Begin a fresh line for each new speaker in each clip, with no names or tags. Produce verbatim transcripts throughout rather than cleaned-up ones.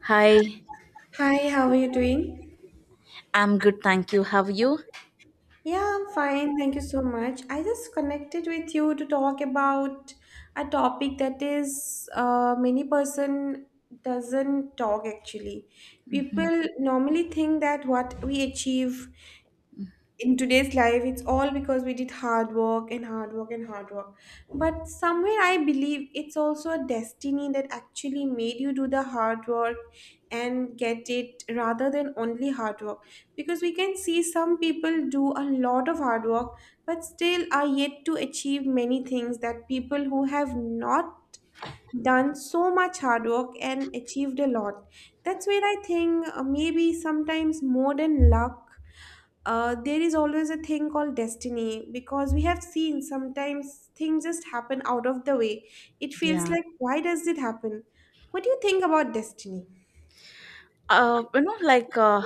Hi,
Hi, how are you doing?
I'm good, thank you. How are you?
Yeah, I'm fine. Thank you so much. I just connected with you to talk about a topic that is uh, many person doesn't talk actually. People normally think that what we achieve in today's life it's all because we did hard work and hard work and hard work, but somewhere I believe it's also a destiny that actually made you do the hard work and get it rather than only hard work, because we can see some people do a lot of hard work but still are yet to achieve many things that people who have not done so much hard work and achieved a lot. That's where I think uh, maybe sometimes more than luck, uh, there is always a thing called destiny, because we have seen sometimes things just happen out of the way. It feels
Yeah.
like, why does it happen? What do you think about destiny?
Uh, you know, like uh,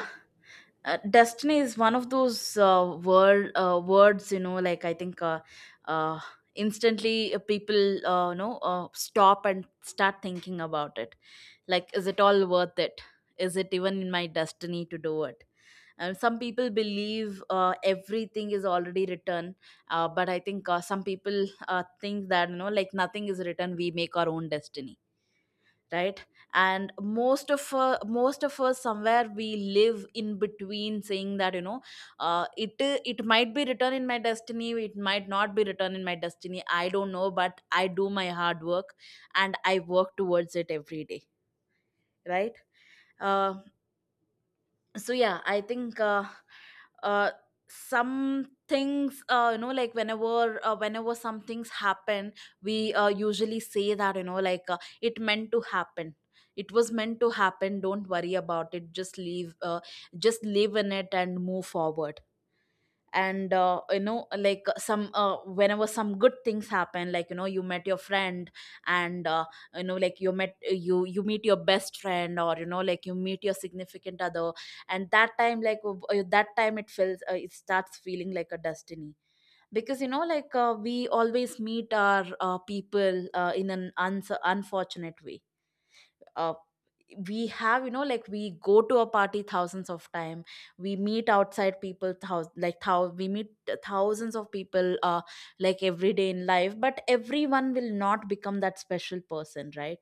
uh, destiny is one of those uh, word uh, words. You know, like I think, uh, uh, instantly, uh, people uh, you know uh, stop and start thinking about it. Like, is it all worth it? Is it even in my destiny to do it? And some people believe uh, everything is already written, uh, but I think uh, some people uh, think that, you know, like, nothing is written. We make our own destiny, right? And most of uh, most of us, somewhere, we live in between saying that, you know uh, it it might be written in my destiny, it might not be written in my destiny. I don't know, but I do my hard work and I work towards it every day, right? Uh, so yeah, I think, uh, uh some things, uh, you know like, whenever uh, whenever some things happen, we uh, usually say that, you know like, uh, it meant to happen, it was meant to happen. Don't worry about it, just leave uh, just live in it and move forward. And uh, you know like, uh, some uh, whenever some good things happen, like you know you met your friend. And uh, you know like, you met you you meet your best friend, or you know like you meet your significant other. And that time, like, w- uh, that time it feels uh, it starts feeling like a destiny, because you know like, uh, we always meet our uh, people uh, in an uns- unfortunate way. Uh, we have you know like we go to a party thousands of time. We meet outside people, thous- like thou- we meet thousands of people, uh like, every day in life, but everyone will not become that special person, right?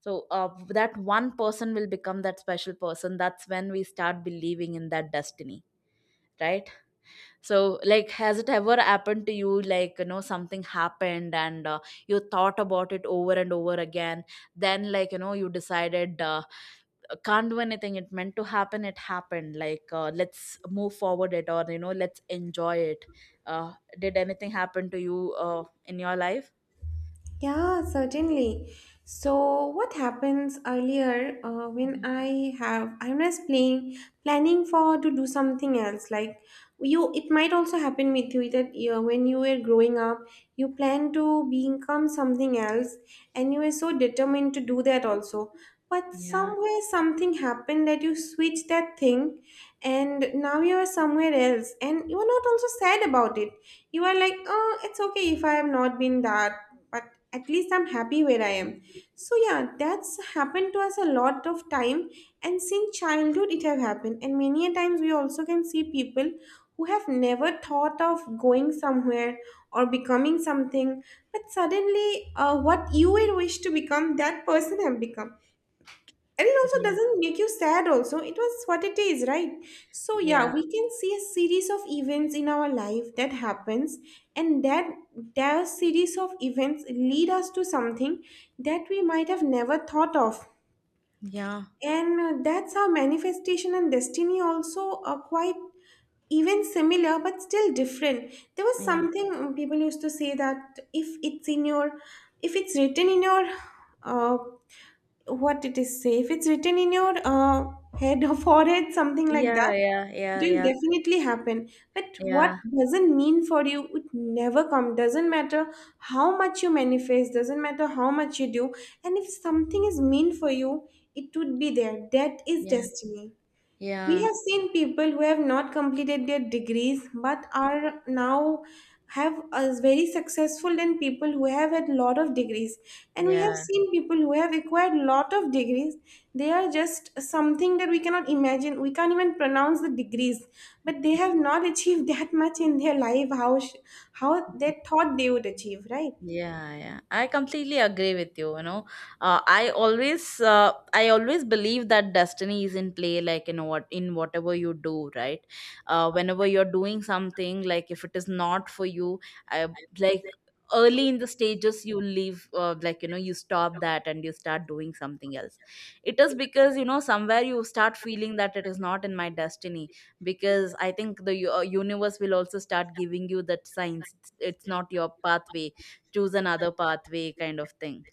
So uh, that one person will become that special person, that's when we start believing in that destiny, right? So, like, has it ever happened to you, like, you know something happened, and uh, you thought about it over and over again? Then, like, you know you decided, uh, uh, can't do anything, it meant to happen, it happened, like, uh, let's move forward it, or you know let's enjoy it. Uh, did anything happen to you uh, in your life?
Yeah, certainly. So, what happens earlier uh, when
Mhm.
I have I'm just playing planning for to do something else. Like you, it might also happen with you that you, when you were growing up, you plan to become something else, and you were so determined to do that also, but
Yeah,
somewhere something happened that you switched that thing, and now you are somewhere else and you are not also sad about it. You are like, oh, it's okay if I have not been that, but at least I'm happy where I am. So yeah, that's happened to us a lot of time, and since childhood it have happened, and many a times we also can see people who have never thought of going somewhere or becoming something, but suddenly uh, what you had wished to become, that person have become, and it also
yeah,
doesn't make you sad, also. It was what it is, right? So, yeah,
yeah,
we can see a series of events in our life that happens, and that their series of events lead us to something that we might have never thought of.
yeah,
And uh, that's how manifestation and destiny also are quite even similar but still different. There was something, um, people used to say that if it's in your, if it's written in your, uh, what it is safe, it's written in your uh, head or forehead, something like
yeah,
that,
yeah, yeah,
it will
yeah,
definitely happen. But what
yeah,
doesn't mean for you would never come, doesn't matter how much you manifest, doesn't matter how much you do, and if something is mean for you, it would be there. That is
yeah,
destiny. We
yeah,
have seen people who have not completed their degrees but are now have as very successful than people who have had lot of degrees. And we have
yeah.
seen people who have acquired lot of degrees. They are just something that we cannot imagine. We can't even pronounce the degrees, but they have not achieved that much in their life. How sh- how they thought they would achieve, right?
Yeah, yeah. I completely agree with you, you know. Uh, I always uh, I always believe that destiny is in play, like, in what in whatever you do, right? Uh, whenever you're doing something, like, if it is not for you, I like, early in the stages you leave uh, like, you know you stop that and you start doing something else. It is because you know somewhere you start feeling that it is not in my destiny, because I think the u- uh, universe will also start giving you that signs, it's, it's not your pathway, choose another pathway, kind of thing,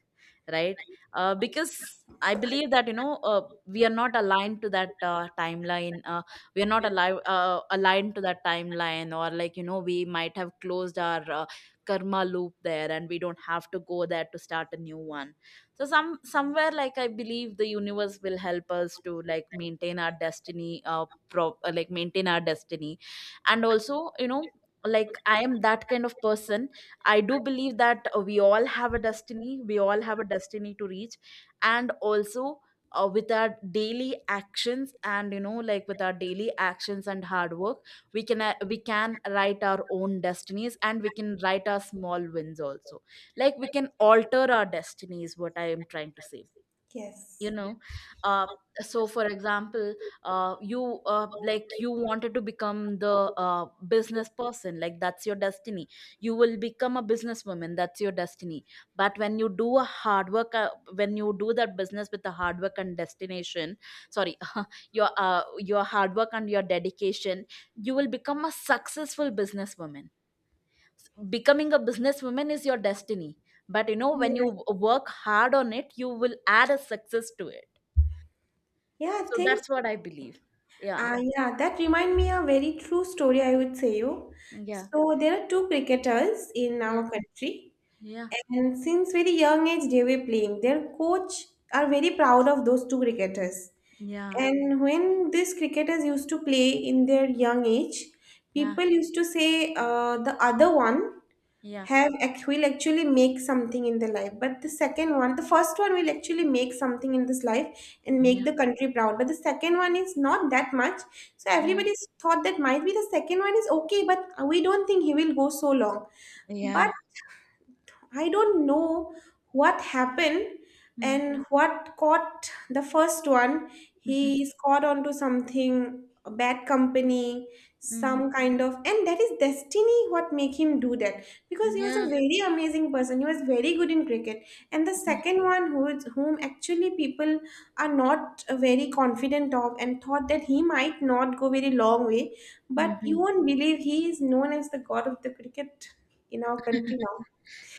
right? Uh, because I believe that, you know uh, we are not aligned to that uh, timeline. Uh, we are not alive, uh, aligned to that timeline, or like, you know we might have closed our uh, karma loop there, and we don't have to go there to start a new one. So some somewhere, like, I believe the universe will help us to like maintain our destiny, uh, pro- uh like maintain our destiny. And also, you know like, I am that kind of person. I do believe that uh, we all have a destiny. We all have a destiny to reach. And also, uh, with our daily actions and you know like with our daily actions and hard work, we can uh, we can write our own destinies, and we can write our small wins also. Like, we can alter our destinies. What I am trying to say you
Yes.
know uh so for example, uh you uh like, you wanted to become the uh business person, like, that's your destiny. You will become a businesswoman, that's your destiny. But when you do a hard work uh, when you do that business with a hard work and destination, sorry, your uh your hard work and your dedication, you will become a successful businesswoman. Becoming a businesswoman is your destiny, but you know, when
Yeah.
you work hard on it, you will add a success to it.
Yeah,
So
things.
that's what I believe. Yeah.
Ah, yeah, that remind me a very true story, I would say you.
Yeah.
So there are two cricketers in
Yeah.
our country,
Yeah.
and since very young age they were playing. Their coach are very proud of those two cricketers.
Yeah.
And when these cricketers used to play in their young age,
Yeah.
people used to say, uh, the other one
Yeah.
have ac- will actually make something in the life, but the second one, the first one will actually make something in this life and make the country proud, but the second one is not that much. So
Yeah.
everybody's thought that might be the second one is okay, but we don't think he will go so long.
Yeah. Yeah.
But I don't know what happened
Mm.
and what caught the first one.
Mhm.
He is caught onto something, a bad company,
Mhm.
some kind of, and that is destiny what make him do that. Because he was
Yeah.
a very amazing person. He was very good in cricket. And the
Yeah.
second one, who is, whom actually people are not very confident of and thought that he might not go very long way, but you
Mhm.
won't believe, he is known as the god of the cricket in our country now.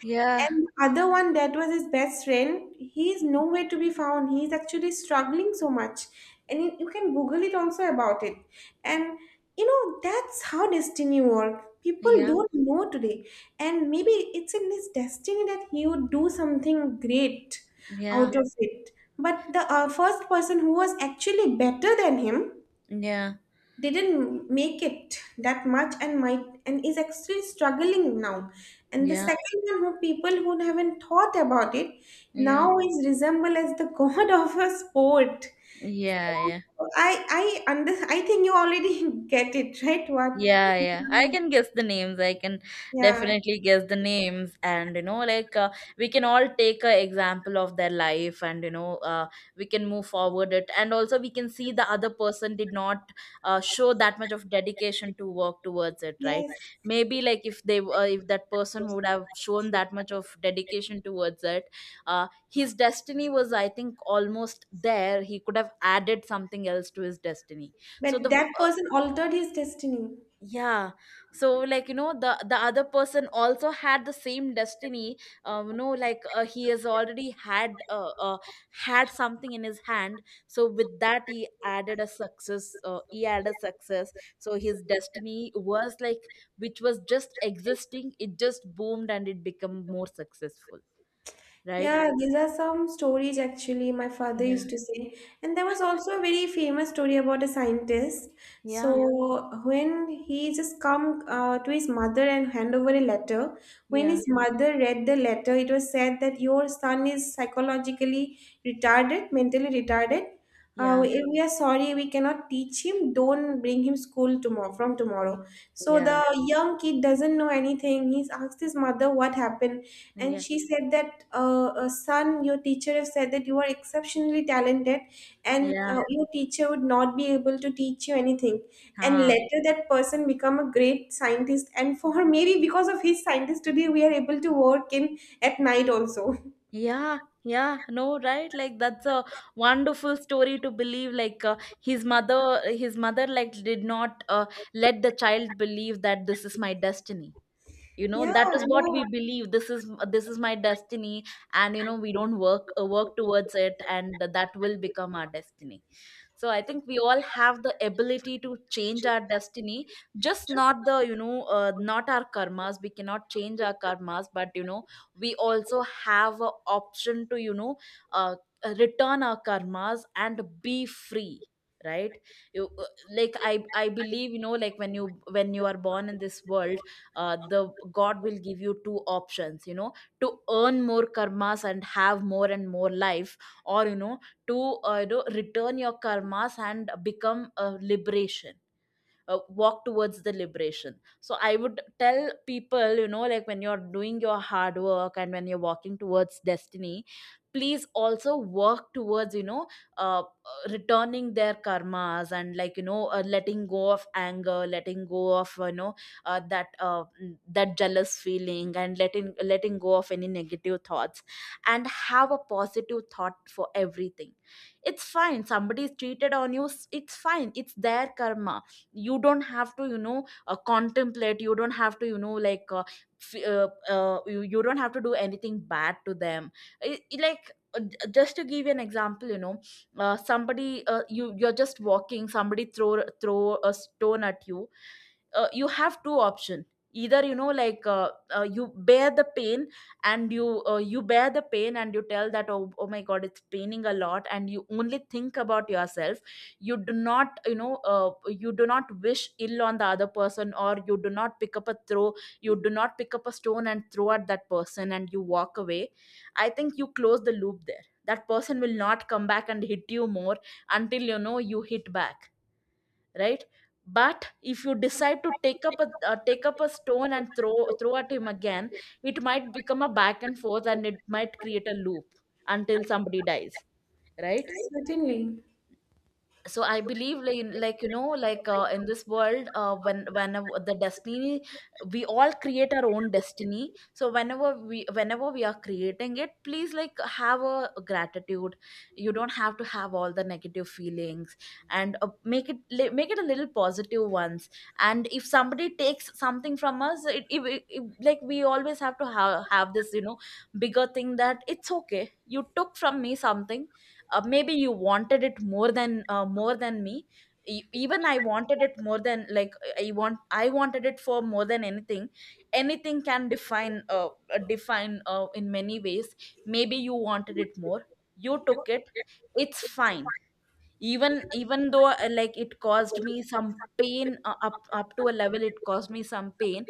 Yeah.
And the other one that was his best friend, he is nowhere to be found. He's actually struggling so much. And you you can Google it also about it. And you know, that's how destiny works. People
Yeah.
don't know today. And maybe it's in his destiny that he would do something great
Yeah.
out of it. But the uh, first person who was actually better than him,
Yeah.
they didn't make it that much and might, and is actually struggling now, and the
Yeah.
second one who people who haven't thought about it now
Yeah.
is resemble as the god of a sport.
Yeah. Yeah.
So, I I under I think you already get it right, what.
Yeah, yeah. I can guess the names. I can
Yeah.
definitely guess the names. And, you know, like, uh, we can all take a example of their life, and, you know, uh, we can move forward it. And also we can see the other person did not uh, show that much of dedication to work towards it, right?
Yes,
Maybe, like, if they, uh, if that person would have shown that much of dedication towards it, uh, his destiny was, I think, almost there. He could have added something else to his destiny.
but
So the
that
uh,
person altered his destiny.
yeah, so, like, you know the the other person also had the same destiny. um you know like, uh, he has already had uh, uh had something in his hand. So with that, he added a success uh, he added success. So his destiny was, like, which was just existing, it just boomed and it became more successful, right?
Yeah, these are some stories actually my father
Yeah,
used to say. And there was also a very famous story about a scientist. So
yeah,
yeah, when he just come uh, to his mother and hand over a letter, when
yeah,
his, yeah, mother read the letter, it was said that your son is psychologically retarded, mentally retarded. Uh,
yeah,
we we are sorry, we cannot teach him. Don't bring him school tomorrow from tomorrow. So the
yeah,
young kid doesn't know anything. He's asked his mother what happened, and
yeah,
she said that, uh, uh, son, your teacher have said that you are exceptionally talented, and
yeah.
uh, your teacher would not be able to teach you anything. And
Huh.
later that person become a great scientist, and for her, maybe because of his scientist, today we are able to work in at night also.
Yeah, yeah, no, right? Like, that's a wonderful story to believe. Like, uh, his mother, his mother, like, did not uh, let the child believe that this is my destiny. You know,
Yeah,
that is what we
yeah.
believe. This is, this is my destiny, and, you know, we don't work uh, work towards it, and that will become our destiny. So I think we all have the ability to change our destiny. Just not the you know uh, not our karmas. We cannot change our karmas, but, you know, we also have a option to, you know uh, uh, return our karmas and be free, right? you uh, like, i i believe, you know like, when you when you are born in this world, uh, the God will give you two options, you know, to earn more karmas and have more and more life, or, you know, to uh, you know return your karmas and become a liberation, uh, walk towards the liberation. So I would tell people, you know, like, when you're doing your hard work and when you're walking towards destiny, please also work towards, you know uh, uh, returning their karmas, and, like, you know uh, letting go of anger, letting go of, you know uh, that uh, mm, that jealous feeling, and letting letting go of any negative thoughts, and have a positive thought for everything. It's fine, somebody is cheated on you, s- it's fine, it's their karma. You don't have to, you know uh, contemplate. You don't have to, you know like, uh, f- uh, uh, you, you don't have to do anything bad to them. I I- like uh, j- just to give you an example, you know uh, somebody, uh, you you're just walking, somebody throw throw a stone at you. Uh, you have two options. Either, you know like, uh, uh, you bear the pain, and you uh, you bear the pain and you tell that, oh, oh my God, it's paining a lot, and you only think about yourself. You do not, you know uh, you do not wish ill on the other person, or you do not pick up a throw, you do not pick up a stone and throw at that person, and you walk away. I think you close the loop there, that person will not come back and hit you more, until you know you hit back, right. But if you decide to take up a uh, take up a stone and throw throw at him again, it might become a back and forth and it might create a loop, until somebody dies, right.
Certainly.
So I believe, like, like you know like uh, in this world, uh, when whenever the destiny, we all create our own destiny. So whenever we whenever we are creating it, please, like, have a gratitude. You don't have to have all the negative feelings, and uh, make it li- make it a little positive ones. And if somebody takes something from us, it, if if, like, we always have to have, have this, you know, bigger thing, that it's okay, you took from me something. Uh, maybe you wanted it more than uh, more than me. E- even I wanted it more than, like, i want I wanted it for more than anything. Anything can define uh, uh, define, uh, in many ways. Maybe you wanted it more, you Took it, it's fine. Even even though uh, like it caused me some pain, uh, up up to a level it caused me some pain.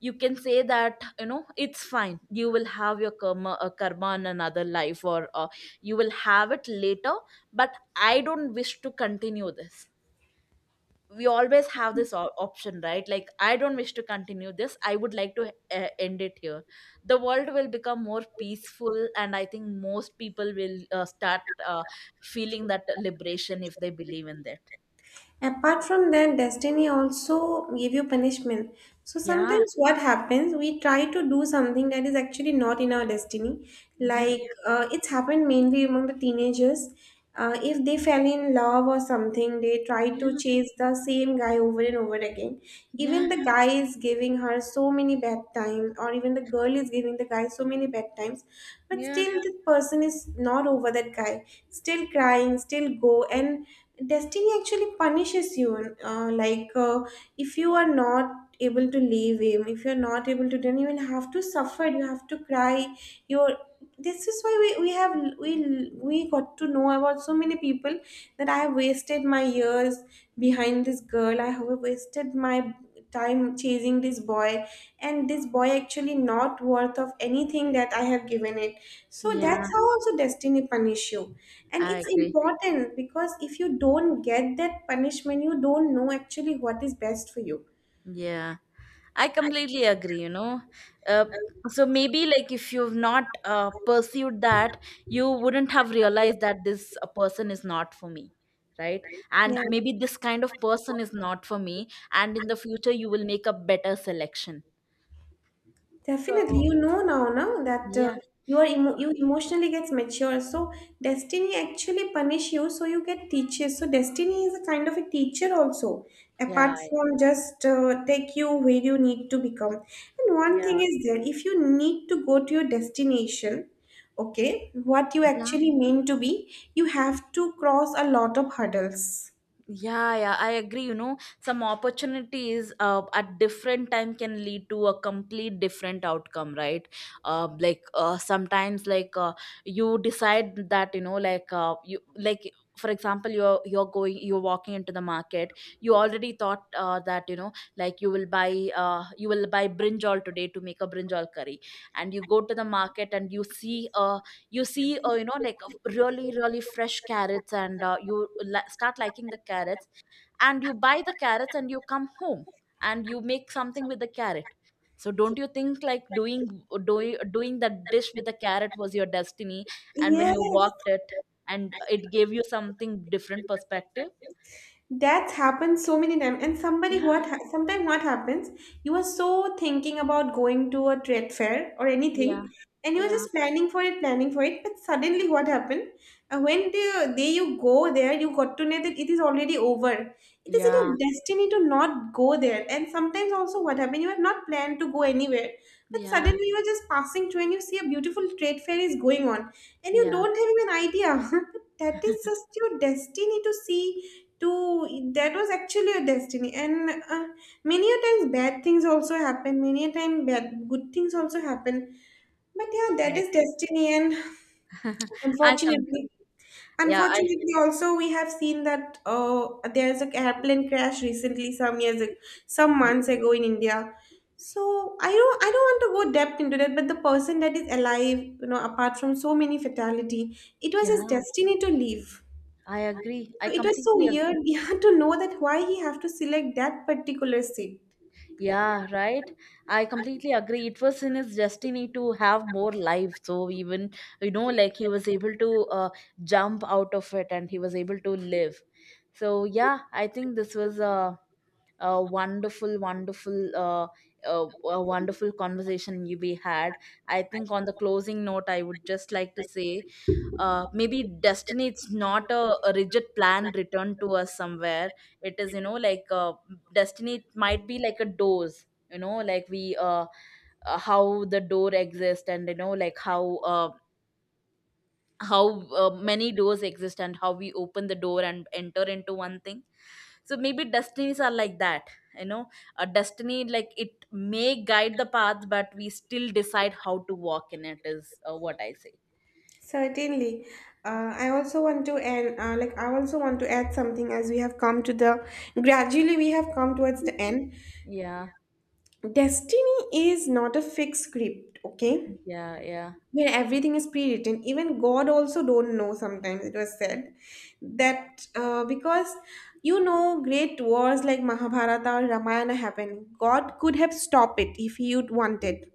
You can say that, you know, it's fine. You will have your karma, uh, karma in another life, or uh, you will have it later. But I don't wish to continue this. We always have this o- option, right? Like I don't wish to continue this, I would like to uh, end it here. The world will become more peaceful, and I think most people will uh, start uh, feeling that liberation if they believe in that.
Apart from that, destiny also give you punishment. So
Yeah.
sometimes what happens, we try to do something that is actually not in our destiny.
Yeah.
Like, uh, it's happened mainly among the teenagers. Uh, if they fell in love or something, they try to
Yeah.
chase the same guy over and over again.
Yeah.
Even the guy is giving her so many bad times, or even the girl is giving the guy so many bad times. But
Yeah.
still, this person is not over that guy. Still crying, still go, and destiny actually punishes you, uh, like uh, if you are not able to leave him, if you're not able to, then you will have to suffer, you have to cry. You're, this is why we, we have, we we got to know about so many people that I have wasted my years behind this girl, I have wasted my time chasing this boy, and this boy actually not worth of anything that I have given it. So
Yeah,
that's how also destiny punish you. And
I
it's
agree.
important, because if you don't get that punishment, you don't know actually what is best for you.
Yeah. I completely agree, you know. Uh, so maybe like if you've not uh, pursued that, you wouldn't have realized that this uh, person is not for me, right? And
Yeah.
maybe this kind of person is not for me, and in the future you will make a better selection.
Definitely.
So
You know, now, now that uh,
yeah,
you are emo- you emotionally gets mature. So destiny actually punish you, so you get teachers. So destiny is a kind of a teacher also, apart
yeah,
from just uh, take you where you need to become. And one
yeah,
thing is there, if you need to go to your destination, okay, what you
yeah.
actually mean to be, you have to cross a lot of hurdles.
Yeah, yeah, I agree. You know, some opportunities uh, at different time can lead to a complete different outcome, right? Uh, like uh, sometimes, like uh, you decide that, you know, like uh, you like, for example, you're you're going, you're walking into the market. You already thought uh, that, you know, like you will buy uh, you will buy brinjal today to make a brinjal curry, and you go to the market and you see a you see uh, you know, like a really really fresh carrots, and uh, you la- start liking the carrots, and you buy the carrots and you come home and you make something with the carrot. So don't you think like doing doing doing that dish with the carrot was your destiny, and when
Yes.
you walked it and it gave you something different perspective?
That's happened so many times. And somebody
Yeah.
what ha- sometimes what happens, you are so thinking about going to a trade fair or
Yeah.
anything, and you are
Yeah.
just planning for it, planning for it. But suddenly, what happened? Uh, when the day you go there, you got to know that it is already over. It is in
Yeah.
your destiny to not go there. And sometimes also, what happened? You have not planned to go anywhere, but
Yeah.
suddenly you are just passing through and you see a beautiful trade fair is going on, and you
Yeah,
don't have even idea. That is just your destiny to see, to, that was actually a destiny. And uh, many a times bad things also happen, many a time bad good things also happen, but yeah, that
I
is
agree.
destiny. And
I completely,
unfortunately,
yeah, I,
unfortunately also we have seen that, uh, there's an airplane crash recently, some years ag- some months ago in India. So, i don't i don't want to go depth into that, but the person that is alive, you know, apart from so many fatality, it was his
yeah,
destiny to live.
I agree, I
So it was so
completely
weird.
agree.
Yeah, to know that why he have to select that particular seat.
Yeah, right. I completely agree. It was in his destiny to have more life. So even, you know, like he was able to uh, jump out of it, and he was able to live. So yeah, I think this was a, a wonderful, wonderful, uh, a, a wonderful conversation you we had. I think on the closing note, I would just like to say, uh, maybe destiny, it's not a, a rigid plan returned to us somewhere. It is, you know, like uh, destiny, it might be like a doors, you know, like we uh, uh, how the door exists, and you know, like how uh, how uh, many doors exist, and how we open the door and enter into one thing. So maybe destinies are like that, you know. A destiny, like it may guide the path, but we still decide how to walk in it, is uh, what I say.
Certainly. uh, I also want to, and uh, like I also want to add something as we have come to the, gradually we have come towards the end.
Yeah.
Destiny is not a fixed script, okay?
Yeah. Yeah.
Where everything is pre-written, even god also don't know. Sometimes it was said that, uh, because you know, great wars like Mahabharata or Ramayana happened, god could have stopped it if he would wanted,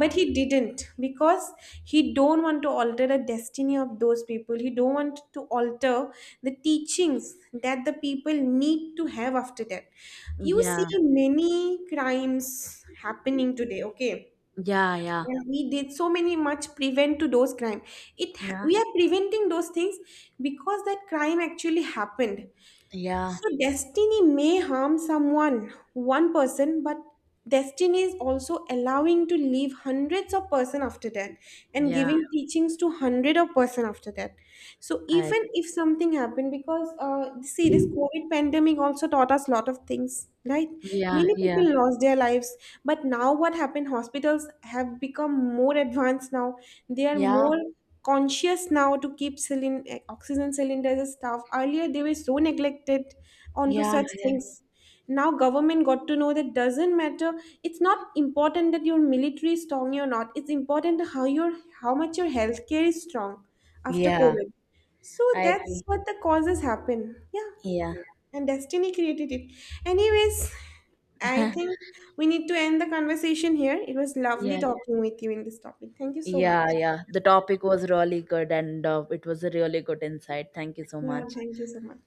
but he didn't, because he don't want to alter the destiny of those people, he don't want to alter the teachings that the people need to have after that. You see
Yeah,
many crimes happening today, okay,
yeah, yeah,
yeah, we did so many much prevent to those crime. It ha-
yeah,
we are preventing those things because that crime actually happened.
yeah,
So destiny may harm someone, one person, but destiny is also allowing to leave hundreds of person after that, and
yeah.
giving, yeah, teachings to hundred of person after that. So
I
even
agree.
if something happened, because uh, see, this COVID pandemic also taught us a lot of things, right?
Yeah,
Many, yeah,
yeah,
people lost their lives, but now what happened? Hospitals have become more advanced now. They are
yeah,
more conscious now to keep cylind- eh, oxygen cylinders and stuff. Earlier, they were so neglected onto
yeah,
such
yeah.
things. Now government got to know that doesn't matter, it's not important that your military is strong or not, it's important how your, how much your healthcare is strong after
Yeah,
COVID. So
I
that's
agree.
what the causes happen, yeah,
Yeah,
and destiny created it anyways. I think we need to end the conversation here. It was lovely
yeah,
talking with you in this topic. Thank you so much.
yeah, yeah. The topic was really good, and uh, it was a really good insight. Thank you so
Yeah,
much.
thank you so much.